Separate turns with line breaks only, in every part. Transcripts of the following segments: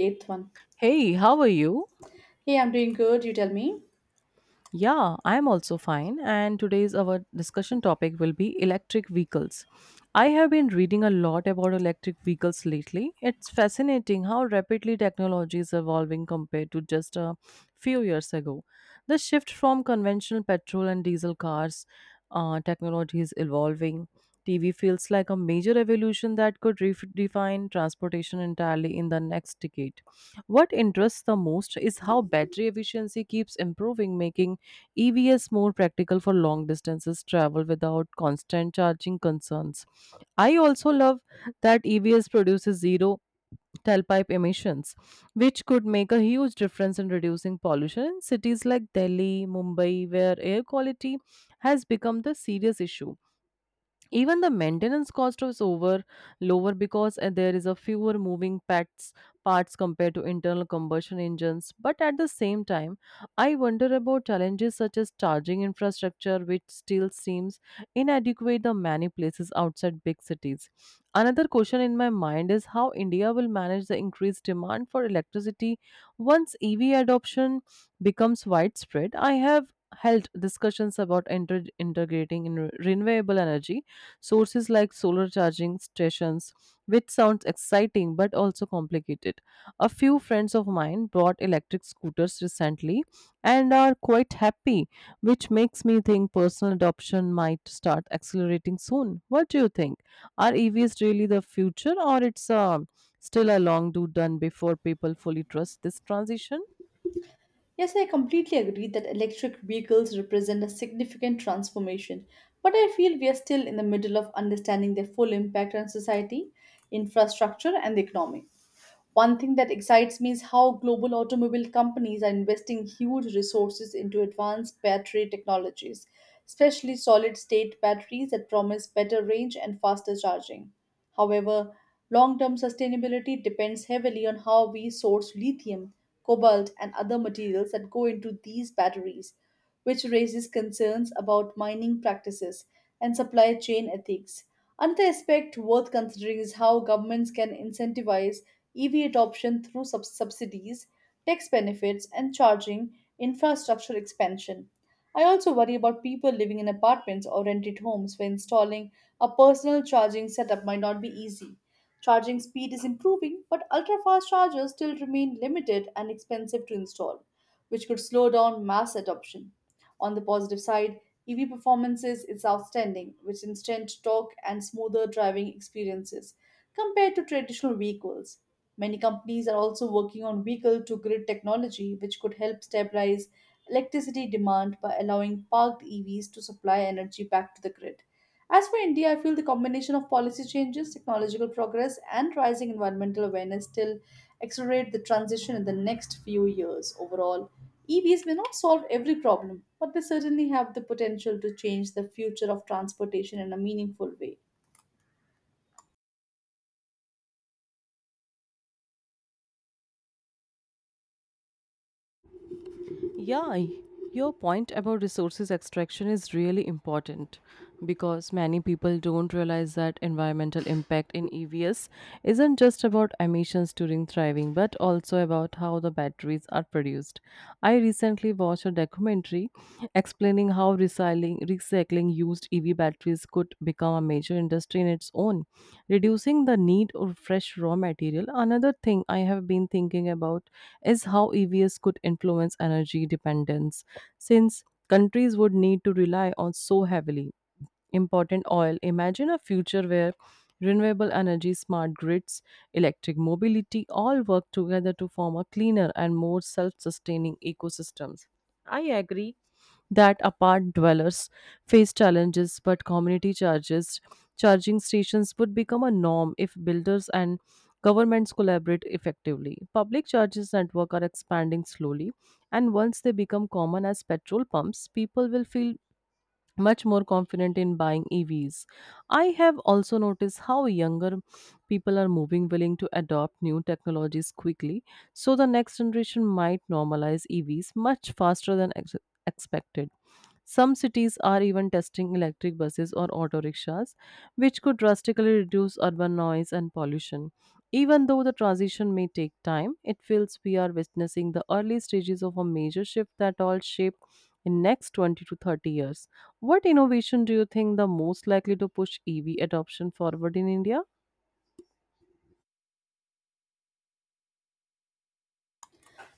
Eighth one.
Hey, how are you?
Hey, I'm doing good. You tell me.
Yeah, I'm also fine. And today's our discussion topic will be electric vehicles. I have been reading a lot about electric vehicles lately. It's fascinating how rapidly technology is evolving compared to just a few years ago. The shift from conventional petrol and diesel cars technology is evolving. TV feels like a major evolution that could redefine transportation entirely in the next decade. What interests the most is how battery efficiency keeps improving, making EVs more practical for long distances travel without constant charging concerns. I also love that EVs produces zero tailpipe emissions, which could make a huge difference in reducing pollution in cities like Delhi, Mumbai, where air quality has become the serious issue. Even the maintenance cost is over lower because there is a fewer moving parts compared to internal combustion engines. But at the same time, I wonder about challenges such as charging infrastructure, which still seems inadequate in many places outside big cities. Another question in my mind is how india will manage the increased demand for electricity once ev adoption becomes widespread. I have held discussions about integrating in renewable energy sources like solar charging stations, which sounds exciting but also complicated. A few friends of mine bought electric scooters recently and are quite happy, which makes me think personal adoption might start accelerating soon. What do you think? Are EVs really the future, or it's still a long do done before people fully trust this transition?
Yes, I completely agree that electric vehicles represent a significant transformation, but I feel we are still in the middle of understanding their full impact on society, infrastructure, and the economy. One thing that excites me is how global automobile companies are investing huge resources into advanced battery technologies, especially solid state batteries that promise better range and faster charging. However, long term sustainability depends heavily on how we source lithium, cobalt, and other materials that go into these batteries, which raises concerns about mining practices and supply chain ethics. Another aspect worth considering is how governments can incentivize EV adoption through subsidies, tax benefits, and charging infrastructure expansion. I also worry about people living in apartments or rented homes where installing a personal charging setup might not be easy. Charging speed is improving, but ultra fast chargers still remain limited and expensive to install, which could slow down mass adoption. On the positive side, EV performances is outstanding, with instant torque and smoother driving experiences compared to traditional vehicles. Many companies are also working on vehicle to grid technology, which could help stabilize electricity demand by allowing parked EVs to supply energy back to the grid. As for India, I feel the combination of policy changes, technological progress, and rising environmental awareness still accelerate the transition in the next few years. Overall, EVs may not solve every problem, but they certainly have the potential to change the future of transportation in a meaningful way.
Yeah, your point about resources extraction is really important, because many people don't realize that environmental impact in EVs isn't just about emissions during thriving, but also about how the batteries are produced. I recently watched a documentary explaining how recycling used EV batteries could become a major industry in its own, reducing the need of fresh raw material. Another thing I have been thinking about is how EVs could influence energy dependence, since countries would need to rely on so heavily important oil. Imagine a future where renewable energy, smart grids, electric mobility all work together to form a cleaner and more self sustaining ecosystems. I agree that apart dwellers face challenges, but community charges charging stations would become a norm if builders and governments collaborate effectively. Public charges network are expanding slowly, and once they become common as petrol pumps, people will feel much more confident in buying EVs. I have also noticed how younger people are moving willing to adopt new technologies quickly, so the next generation might normalize EVs much faster than expected. Some cities are even testing electric buses or auto rickshaws, which could drastically reduce urban noise and pollution. Even though the transition may take time, it feels we are witnessing the early stages of a major shift that all shape in next 20 to 30 years. What innovation do you think the most likely to push EV adoption forward in India?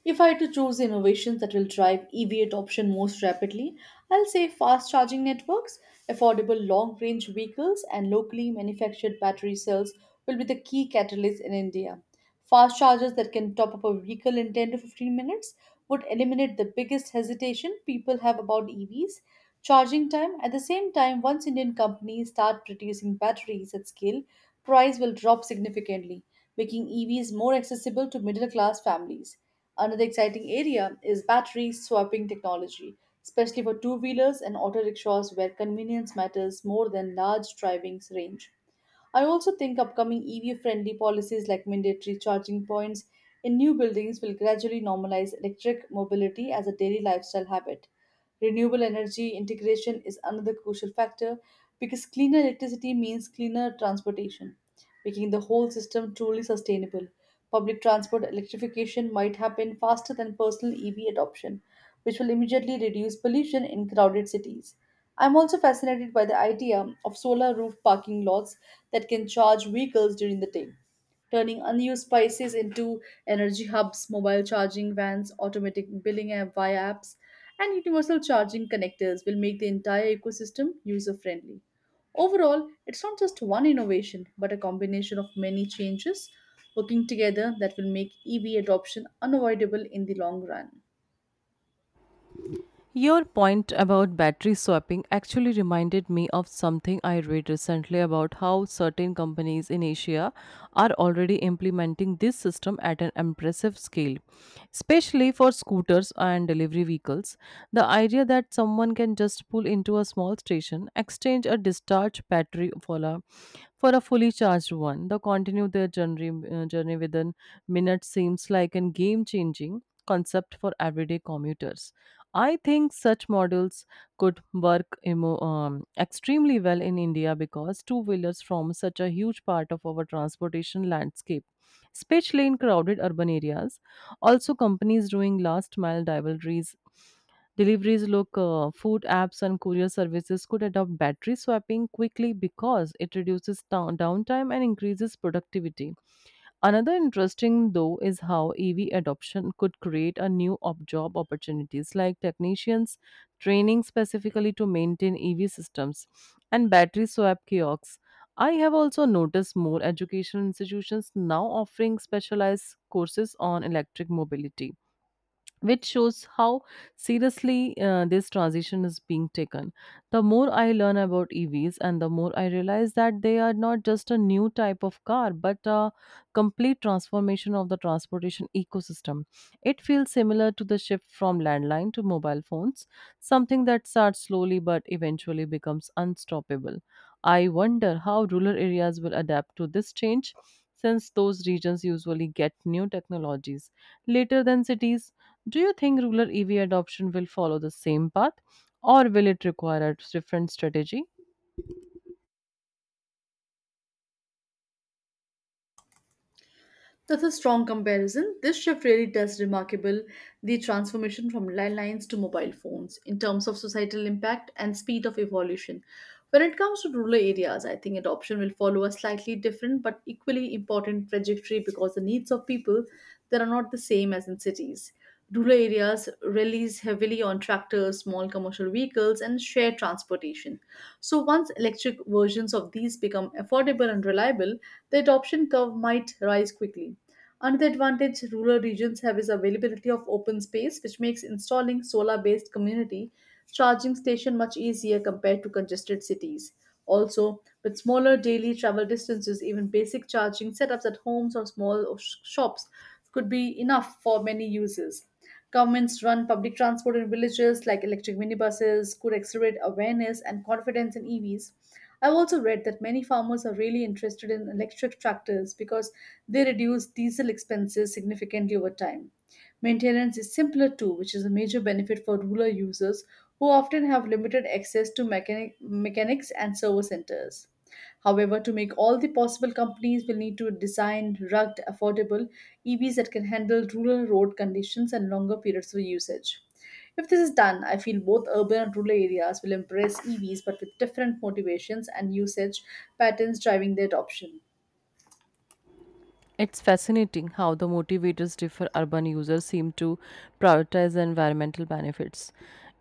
If I had to choose the innovations that will drive EV adoption most rapidly, I'll say fast charging networks, affordable long range vehicles, and locally manufactured battery cells will be the key catalysts in India. Fast chargers that can top up a vehicle in 10 to 15 minutes would eliminate the biggest hesitation people have about EVs charging time. At the same time, once Indian companies start producing batteries at scale, price will drop significantly, making EVs more accessible to middle class families. Another exciting area is battery swapping technology, especially for two wheelers and auto rickshaws where convenience matters more than large driving range. I also think upcoming EV friendly policies like mandatory charging points in new buildings will gradually normalize electric mobility as a daily lifestyle habit. Renewable energy integration is another crucial factor because cleaner electricity means cleaner transportation, making the whole system truly sustainable. Public transport electrification might happen faster than personal EV adoption, which will immediately reduce pollution in crowded cities. I'm also fascinated by the idea of solar roof parking lots that can charge vehicles during the day, turning unused spaces into energy hubs, mobile charging vans, automatic billing app via apps, and universal charging connectors will make the entire ecosystem user friendly. Overall, it's not just one innovation, but a combination of many changes working together that will make EV adoption unavoidable in the long run.
Your point about battery swapping actually reminded me of something I read recently about how certain companies in Asia are already implementing this system at an impressive scale, especially for scooters and delivery vehicles. The idea that someone can just pull into a small station, exchange a discharged battery for a fully charged one. They continue their journey within minutes seems like a game changing concept for everyday commuters. I think such models could work extremely well in India, because two wheelers form such a huge part of our transportation landscape, especially in crowded urban areas. Also, companies doing last mile deliveries look food apps and courier services could adopt battery swapping quickly, because it reduces downtime and increases productivity. Another interesting though is how EV adoption could create a new job opportunities like technicians training specifically to maintain EV systems and battery swap kiosks. I have also noticed more educational institutions now offering specialized courses on electric mobility, which shows how seriously this transition is being taken. The more I learn about EVs, and the more I realize that they are not just a new type of car, but a complete transformation of the transportation ecosystem. It feels similar to the shift from landline to mobile phones, something that starts slowly but eventually becomes unstoppable. I wonder how rural areas will adapt to this change, since those regions usually get new technologies later than cities. Do you think rural EV adoption will follow the same path, or will it require a different strategy?
That's a strong comparison. This shift really does remarkable the transformation from landlines to mobile phones in terms of societal impact and speed of evolution. When it comes to rural areas, I think adoption will follow a slightly different but equally important trajectory because the needs of people that are not the same as in cities. Rural areas relies heavily on tractors, small commercial vehicles, and shared transportation. So, once electric versions of these become affordable and reliable, the adoption curve might rise quickly. Another advantage rural regions have is availability of open space, which makes installing solar-based community charging station much easier compared to congested cities. Also, with smaller daily travel distances, even basic charging setups at homes or small shops could be enough for many users. Governments run public transport in villages like electric minibuses could accelerate awareness and confidence in EVs. I've also read that many farmers are really interested in electric tractors because they reduce diesel expenses significantly over time. Maintenance is simpler too, which is a major benefit for rural users who often have limited access to mechanics and service centers. However, to make all the possible, companies will need to design rugged, affordable EVs that can handle rural road conditions and longer periods of usage. If this is done, I feel both urban and rural areas will embrace EVs but with different motivations and usage patterns driving their adoption.
It's fascinating how the motivators differ. Urban users seem to prioritize the environmental benefits,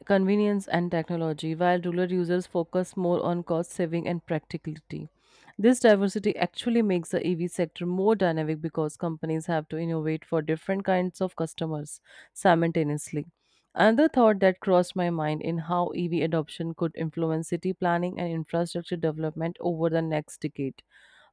convenience, and technology, while rural users focus more on cost saving and practicality. This diversity actually makes the EV sector more dynamic, because companies have to innovate for different kinds of customers simultaneously. Another thought that crossed my mind in how EV adoption could influence city planning and infrastructure development over the next decade.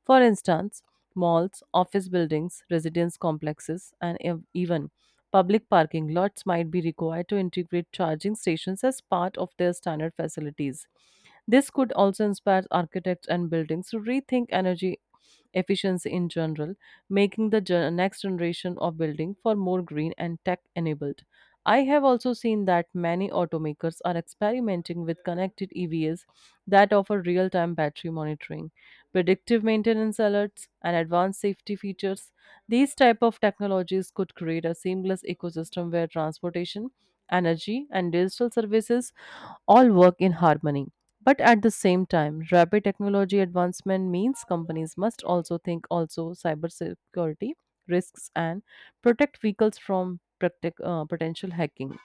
For instance, malls, office buildings, residence complexes, and even public parking lots might be required to integrate charging stations as part of their standard facilities. This could also inspire architects and buildings to rethink energy efficiency in general, making the next generation of building for more green and tech enabled. I have also seen that many automakers are experimenting with connected EVs that offer real time battery monitoring, predictive maintenance alerts, and advanced safety features. These type of technologies could create a seamless ecosystem where transportation, energy, and digital services all work in harmony. But at the same time, rapid technology advancement means companies must also think also cybersecurity risks and protect vehicles from potential hacking.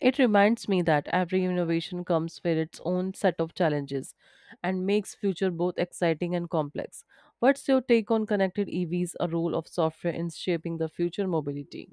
It reminds me that every innovation comes with its own set of challenges and makes future both exciting and complex. What's your take on connected EVs, a role of software in shaping the future mobility?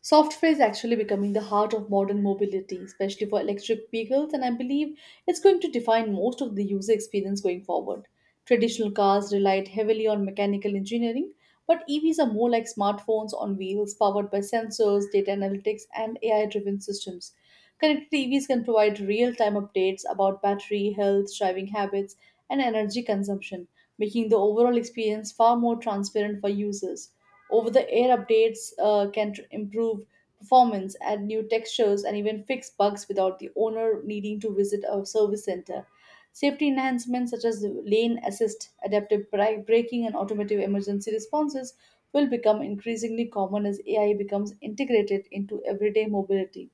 Software is actually becoming the heart of modern mobility, especially for electric vehicles, and I believe it's going to define most of the user experience going forward. Traditional cars relied heavily on mechanical engineering, but EVs are more like smartphones on wheels powered by sensors, data analytics, and AI driven systems. Connected TVs can provide real time updates about battery, health, driving habits, and energy consumption, making the overall experience far more transparent for users. Over the air updates can improve performance, add new textures, and even fix bugs without the owner needing to visit a service center. Safety enhancements such as lane assist, adaptive braking, and automotive emergency responses will become increasingly common as AI becomes integrated into everyday mobility.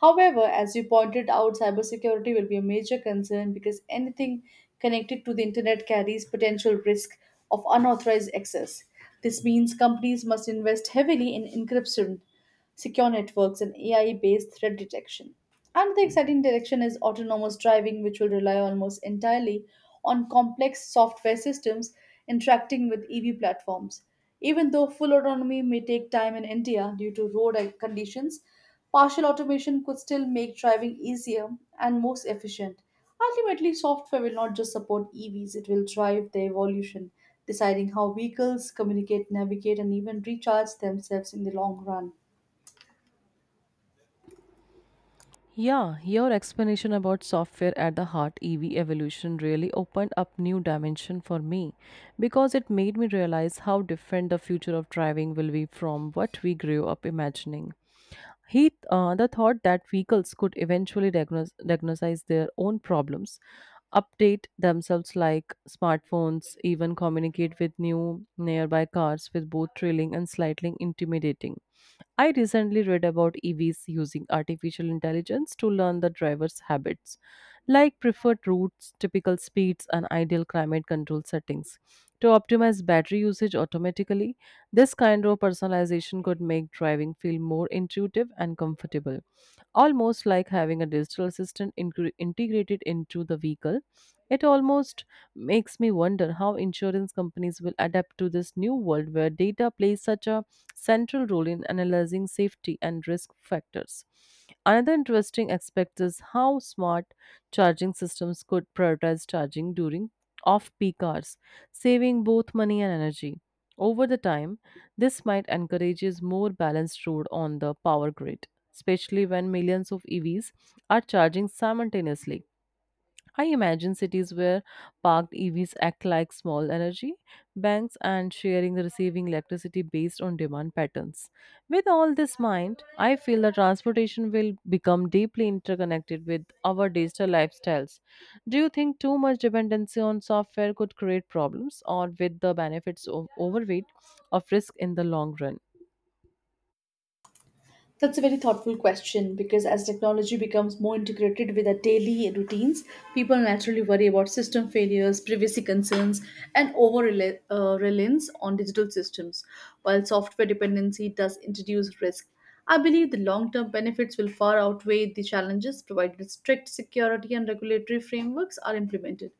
However, as you pointed out, cybersecurity will be a major concern because anything connected to the internet carries potential risk of unauthorized access. This means companies must invest heavily in encryption, secure networks, and AI based threat detection. Another exciting direction is autonomous driving, which will rely almost entirely on complex software systems interacting with EV platforms. Even though full autonomy may take time in India due to road conditions, partial automation could still make driving easier and most efficient. Ultimately, software will not just support EVs, it will drive their evolution, deciding how vehicles communicate, navigate, and even recharge themselves in the long run.
Yeah, your explanation about software at the heart EV evolution really opened up new dimension for me, because it made me realize how different the future of driving will be from what we grew up imagining. The thought that vehicles could eventually diagnose their own problems, update themselves like smartphones, even communicate with new nearby cars with both thrilling and slightly intimidating. I recently read about EVs using artificial intelligence to learn the driver's habits, like preferred routes, typical speeds, and ideal climate control settings. To optimize battery usage automatically, this kind of personalization could make driving feel more intuitive and comfortable, almost like having a digital assistant integrated into the vehicle. It almost makes me wonder how insurance companies will adapt to this new world, where data plays such a central role in analyzing safety and risk factors. Another interesting aspect is how smart charging systems could prioritize charging during off peak hours, saving both money and energy. Over the time, this might encourages more balanced road on the power grid, especially when millions of EVs are charging simultaneously. I imagine cities where parked EVs act like small energy banks and sharing the receiving electricity based on demand patterns. With all this mind, I feel that transportation will become deeply interconnected with our digital lifestyles. Do you think too much dependency on software could create problems, or with the benefits of overweight of risk in the long run?
That's a very thoughtful question because as technology becomes more integrated with our daily routines, people naturally worry about system failures, privacy concerns, and reliance on digital systems. While software dependency does introduce risk, I believe the long term benefits will far outweigh the challenges provided strict security and regulatory frameworks are implemented.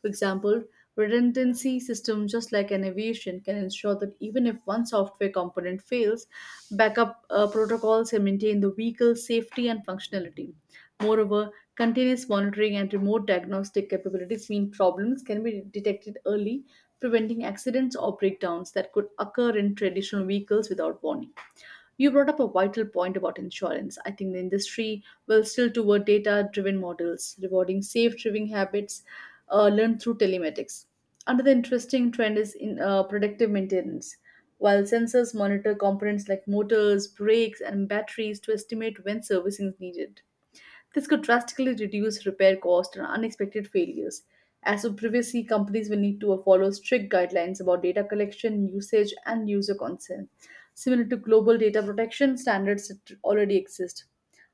For example, redundancy system just like an aviation can ensure that even if one software component fails, backup protocols can maintain the vehicle's safety and functionality. Moreover, continuous monitoring and remote diagnostic capabilities mean problems can be detected early, preventing accidents or breakdowns that could occur in traditional vehicles without warning. You brought up a vital point about insurance. I think the industry will still toward data driven models, rewarding safe driving habits learned through telematics. Another interesting trend is in predictive maintenance. While sensors monitor components like motors, brakes, and batteries to estimate when servicing is needed, this could drastically reduce repair costs and unexpected failures. As for privacy, companies will need to follow strict guidelines about data collection, usage, and user consent, similar to global data protection standards that already exist.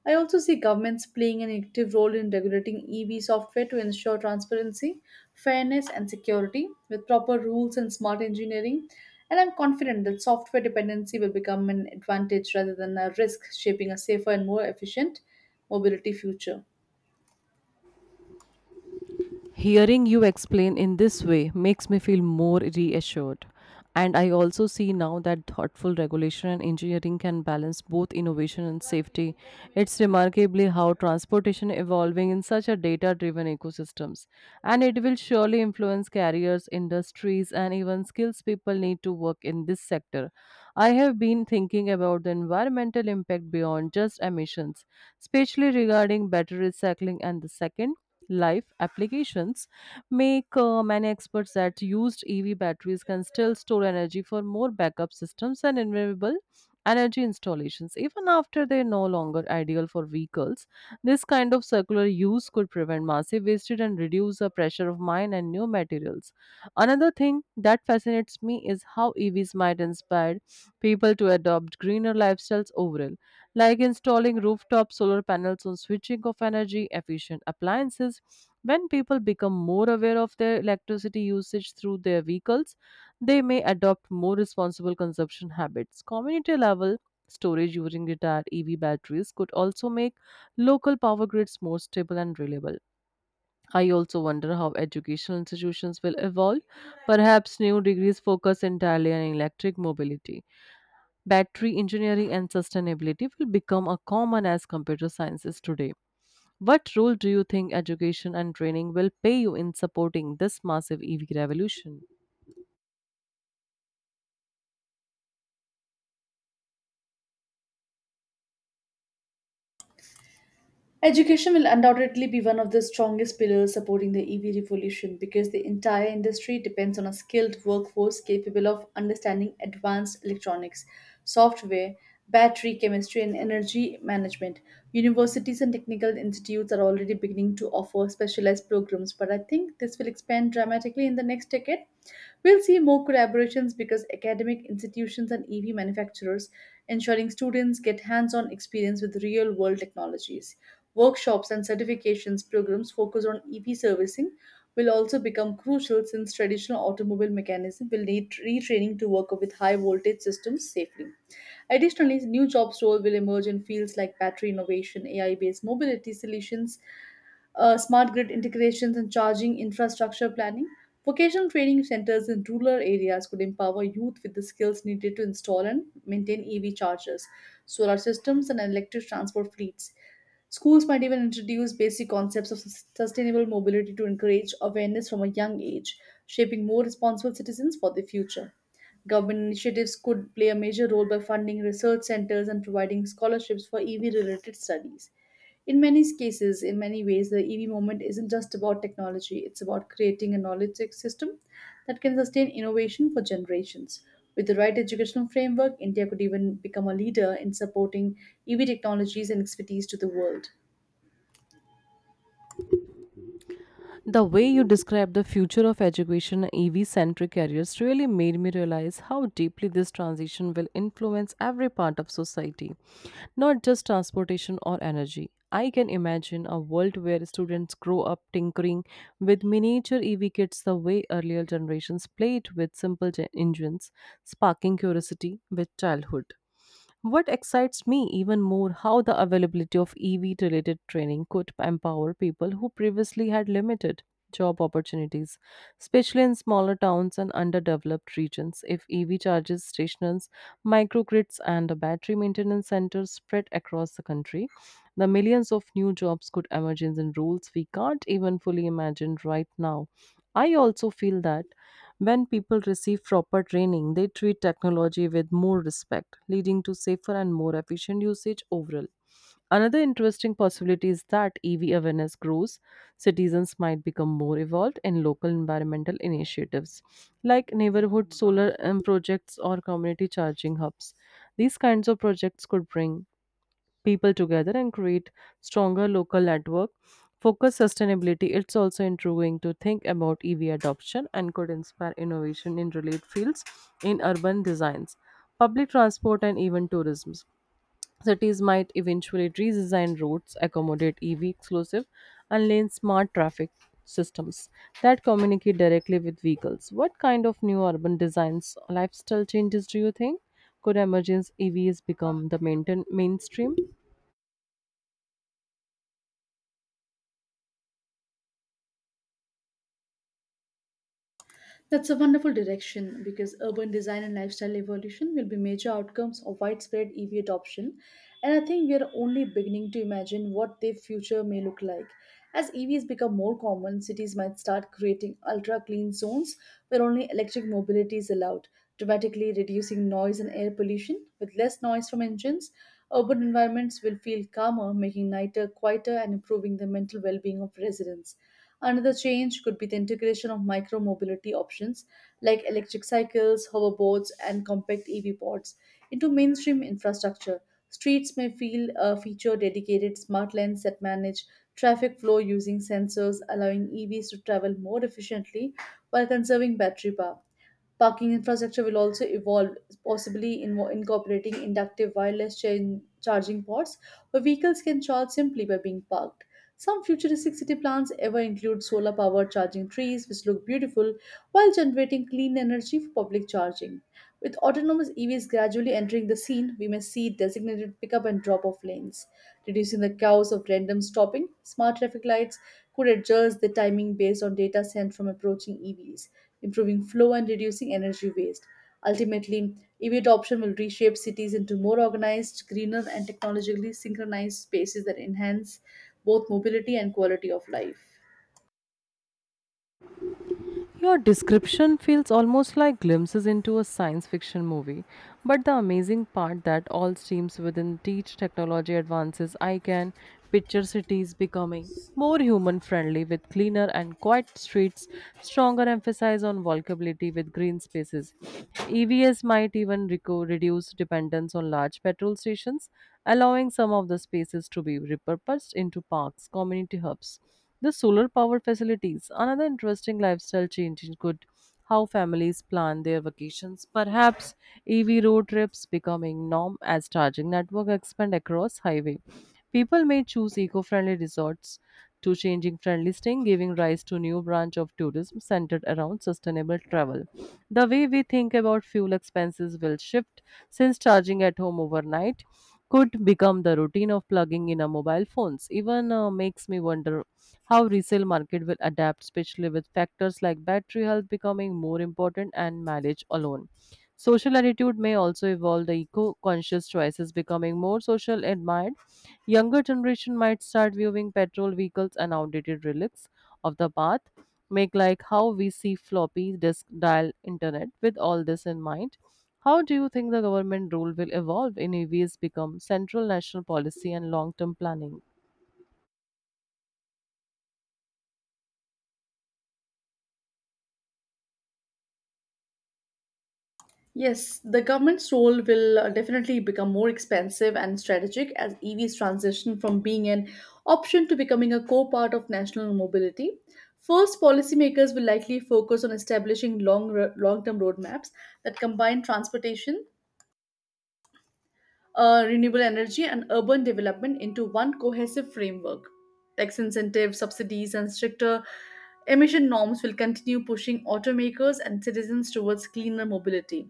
I also see governments playing an active role in regulating EV software to ensure transparency, fairness, and security with proper rules and smart engineering. And I'm confident that software dependency will become an advantage rather than a risk, shaping a safer and more efficient mobility future.
Hearing you explain in this way makes me feel more reassured. And I also see now that thoughtful regulation and engineering can balance both innovation and safety. It's remarkably how transportation evolving in such a data-driven ecosystems. And it will surely influence carriers, industries, and even skills people need to work in this sector. I have been thinking about the environmental impact beyond just emissions, especially regarding battery recycling and the second life applications make many experts that used EV batteries can still store energy for more backup systems and renewable energy installations, even after they're no longer ideal for vehicles. This kind of circular use could prevent massive wastage and reduce the pressure of mine and new materials. Another thing that fascinates me is how evs might inspire people to adopt greener lifestyles overall, like installing rooftop solar panels on switching off energy efficient appliances. When people become more aware of their electricity usage through their vehicles, they may adopt more responsible consumption habits. Community level storage using retired EV batteries could also make local power grids more stable and reliable. I also wonder how educational institutions will evolve. Perhaps new degrees focus entirely on electric mobility. Battery engineering and sustainability will become a common as computer sciences today. What role do you think education and training will play you in supporting this massive EV revolution?
Education will undoubtedly be one of the strongest pillars supporting the EV revolution because the entire industry depends on a skilled workforce capable of understanding advanced electronics, software, battery chemistry, and energy management. Universities and technical institutes are already beginning to offer specialized programs, but I think this will expand dramatically in the next decade. We'll see more collaborations because academic institutions and EV manufacturers ensuring students get hands on experience with real world technologies. Workshops and certifications programs focused on EV servicing will also become crucial since traditional automobile mechanism will need retraining to work with high voltage systems safely. Additionally, new jobs role will emerge in fields like battery innovation, AI-based mobility solutions, smart grid integrations, and charging infrastructure planning. Vocational training centers in rural areas could empower youth with the skills needed to install and maintain EV chargers, solar systems, and electric transport fleets. Schools might even introduce basic concepts of sustainable mobility to encourage awareness from a young age, shaping more responsible citizens for the future. Government initiatives could play a major role by funding research centers and providing scholarships for EV related studies. In many cases, in many ways, the EV movement isn't just about technology, it's about creating a knowledge system that can sustain innovation for generations. With the right educational framework, India could even become a leader in supporting EV technologies and expertise to the world.
The way you described the future of education and EV centric careers really made me realize how deeply this transition will influence every part of society, not just transportation or energy. I can imagine a world where students grow up tinkering with miniature EV kits the way earlier generations played with simple engines, sparking curiosity with childhood. What excites me even more how the availability of EV related training could empower people who previously had limited job opportunities, especially in smaller towns and underdeveloped regions. If EV charges stations, microgrids, and the battery maintenance centers spread across the country, the millions of new jobs could emerge in roles we can't even fully imagine right now. I also feel that when people receive proper training, they treat technology with more respect, leading to safer and more efficient usage overall. Another interesting possibility is that EV awareness grows, citizens might become more involved in local environmental initiatives like neighborhood solar projects or community charging hubs. These kinds of projects could bring people together and create stronger local network focus sustainability. It's also intriguing to think about EV adoption and could inspire innovation in related fields in urban designs, public transport, and even tourism. Cities might eventually redesign routes accommodate EV exclusive and lane smart traffic systems that communicate directly with vehicles. What kind of new urban designs, lifestyle changes do you think could emergence EVs become the mainstream?
That's a wonderful direction because urban design and lifestyle evolution will be major outcomes of widespread EV adoption. And I think we are only beginning to imagine what their future may look like. As EVs become more common, cities might start creating ultra clean zones where only electric mobility is allowed, dramatically reducing noise and air pollution. With less noise from engines, urban environments will feel calmer, making nighter quieter and improving the mental well being of residents. Another change could be the integration of micro mobility options like electric cycles, hoverboards, and compact EV pods into mainstream infrastructure. Streets may feel feature dedicated smart lanes that manage traffic flow using sensors, allowing EVs to travel more efficiently while conserving battery power. Parking infrastructure will also evolve, possibly incorporating inductive wireless chain charging ports where vehicles can charge simply by being parked. Some futuristic city plans ever include solar powered charging trees, which look beautiful while generating clean energy for public charging. With autonomous EVs gradually entering the scene, we may see designated pickup and drop off lanes, reducing the chaos of random stopping. Smart traffic lights could adjust the timing based on data sent from approaching EVs, improving flow and reducing energy waste. Ultimately, EV adoption will reshape cities into more organized, greener, and technologically synchronized spaces that enhance both mobility and quality of life.
Your description feels almost like glimpses into a science fiction movie. But the amazing part that all streams within teach technology advances, I can picture cities becoming more human friendly with cleaner and quiet streets, stronger emphasis on walkability with green spaces. EVs might even reduce dependence on large petrol stations, allowing some of the spaces to be repurposed into parks, community hubs, the solar power facilities. Another interesting lifestyle change, could how families plan their vacations. Perhaps EV road trips becoming norm as charging network expand across highway. People may choose eco-friendly resorts to changing friendly staying, giving rise to new branch of tourism centered around sustainable travel. The way we think about fuel expenses will shift since charging at home overnight could become the routine of plugging in a mobile phones even makes me wonder how resale market will adapt, especially with factors like battery health becoming more important and mileage alone. Social attitude may also evolve, the eco-conscious choices becoming more social admired. Younger generation might start viewing petrol vehicles and outdated relics of the past, make like how we see floppy disk dial internet. With all this in mind, how do you think the government role will evolve in EVs become central national policy and long-term planning?
Yes, the government's role will definitely become more expansive and strategic as EVs transition from being an option to becoming a core part of national mobility. First, policymakers will likely focus on establishing long-term roadmaps that combine transportation, renewable energy and urban development into one cohesive framework. Tax incentives, subsidies, and stricter emission norms will continue pushing automakers and citizens towards cleaner mobility.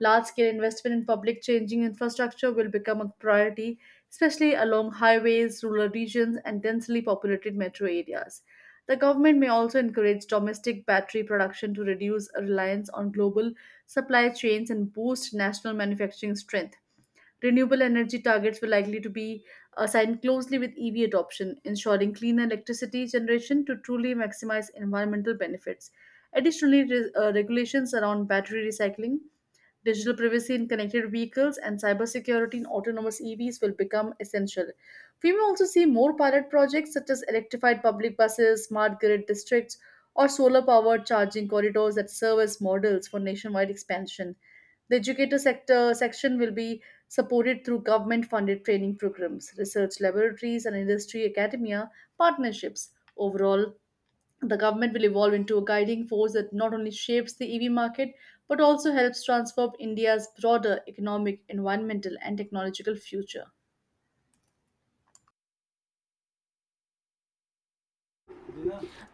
Large scale investment in public changing infrastructure will become a priority, especially along highways, rural regions, and densely populated metro areas. The government may also encourage domestic battery production to reduce reliance on global supply chains and boost national manufacturing strength. Renewable energy targets were likely to be assigned closely with EV adoption, ensuring cleaner electricity generation to truly maximize environmental benefits. Additionally, regulations around battery recycling, digital privacy in connected vehicles and cybersecurity in autonomous EVs will become essential. We may also see more pilot projects such as electrified public buses, smart grid districts, or solar powered charging corridors that serve as models for nationwide expansion. The educator sector section will be supported through government funded training programs, research laboratories, and industry academia partnerships. Overall, the government will evolve into a guiding force that not only shapes the EV market but also helps transform India's broader economic, environmental, and technological future.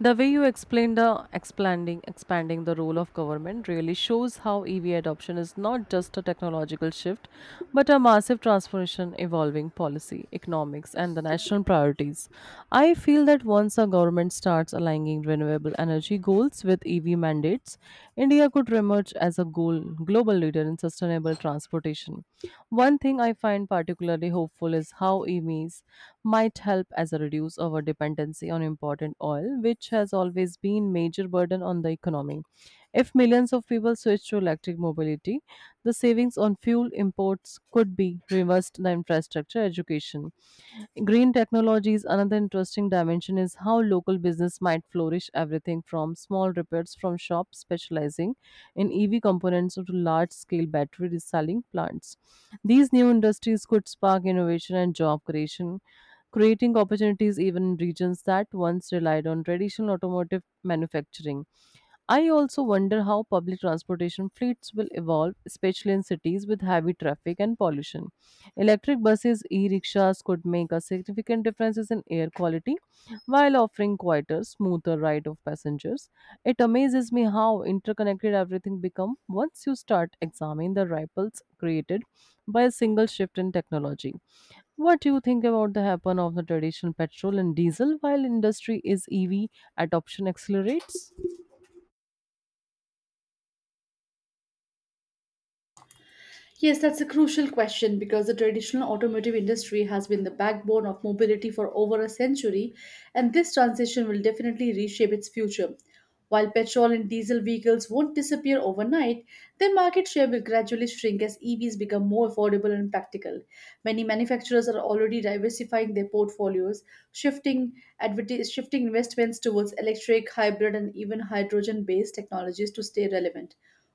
The way you explain the expanding the role of government really shows how EV adoption is not just a technological shift, but a massive transformation evolving policy, economics, and the national priorities. I feel that once a government starts aligning renewable energy goals with EV mandates, India could emerge as a goal global leader in sustainable transportation. One thing I find particularly hopeful is how EVs might help as a reduce our dependency on imported oil, which has always been major burden on the economy. If millions of people switch to electric mobility, the savings on fuel imports could be reversed the infrastructure education. Green technologies, another interesting dimension is how local business might flourish everything from small repairs from shops specializing in EV components to large scale battery reselling plants. These new industries could spark innovation and job creation, creating opportunities even in regions that once relied on traditional automotive manufacturing. I also wonder how public transportation fleets will evolve, especially in cities with heavy traffic and pollution. Electric buses, e rickshaws could make a significant differences in air quality while offering quieter, smoother ride of passengers. It amazes me how interconnected everything becomes once you start examining the ripples created by a single shift in technology. What do you think about the happen of the traditional petrol and diesel while industry is EV adoption accelerates?
Yes, that's a crucial question because the traditional automotive industry has been the backbone of mobility for over a century, and this transition will definitely reshape its future. While petrol and diesel vehicles won't disappear overnight, their market share will gradually shrink as EVs become more affordable and practical. Many manufacturers are already diversifying their portfolios, shifting, shifting investments towards electric, hybrid, and even hydrogen based technologies to stay relevant.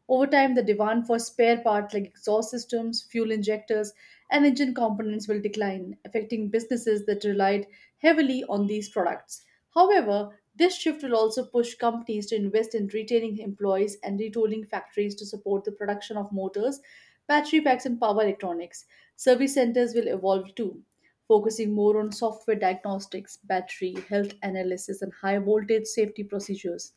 Over time, the demand for spare parts like exhaust systems, fuel injectors, and engine components will decline, affecting businesses that relied heavily on these products. However, this shift will also push companies to invest in retaining employees and retooling factories to support the production of motors, battery packs, and power electronics. Service centers will evolve too, focusing more on software diagnostics, battery, health analysis, and high voltage safety procedures.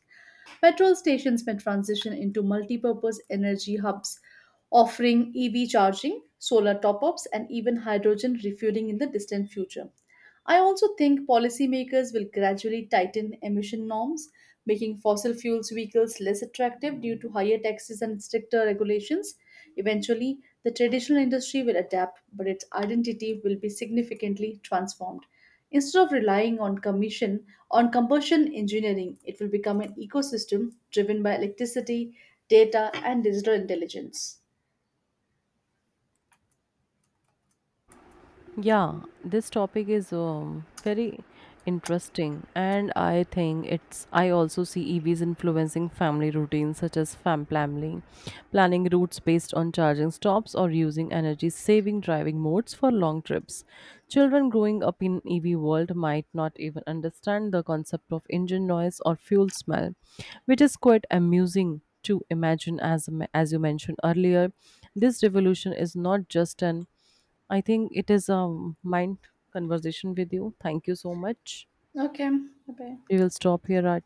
Petrol stations may transition into multi-purpose energy hubs, offering EV charging, solar top-ups, and even hydrogen refueling in the distant future. I also think policymakers will gradually tighten emission norms, making fossil fuels vehicles less attractive due to higher taxes and stricter regulations. Eventually, the traditional industry will adapt, but its identity will be significantly transformed. Instead of relying on combustion engineering, it will become an ecosystem driven by electricity, data, and digital intelligence.
Yeah, this topic is very interesting, and I think it's. I also see EVs influencing family routines such as planning routes based on charging stops, or using energy-saving driving modes for long trips. Children growing up in EV world might not even understand the concept of engine noise or fuel smell, which is quite amusing to imagine. As you mentioned earlier, this revolution is not just an I think it is a mind conversation with you. Thank you so much.
Okay, bye.
We will stop here at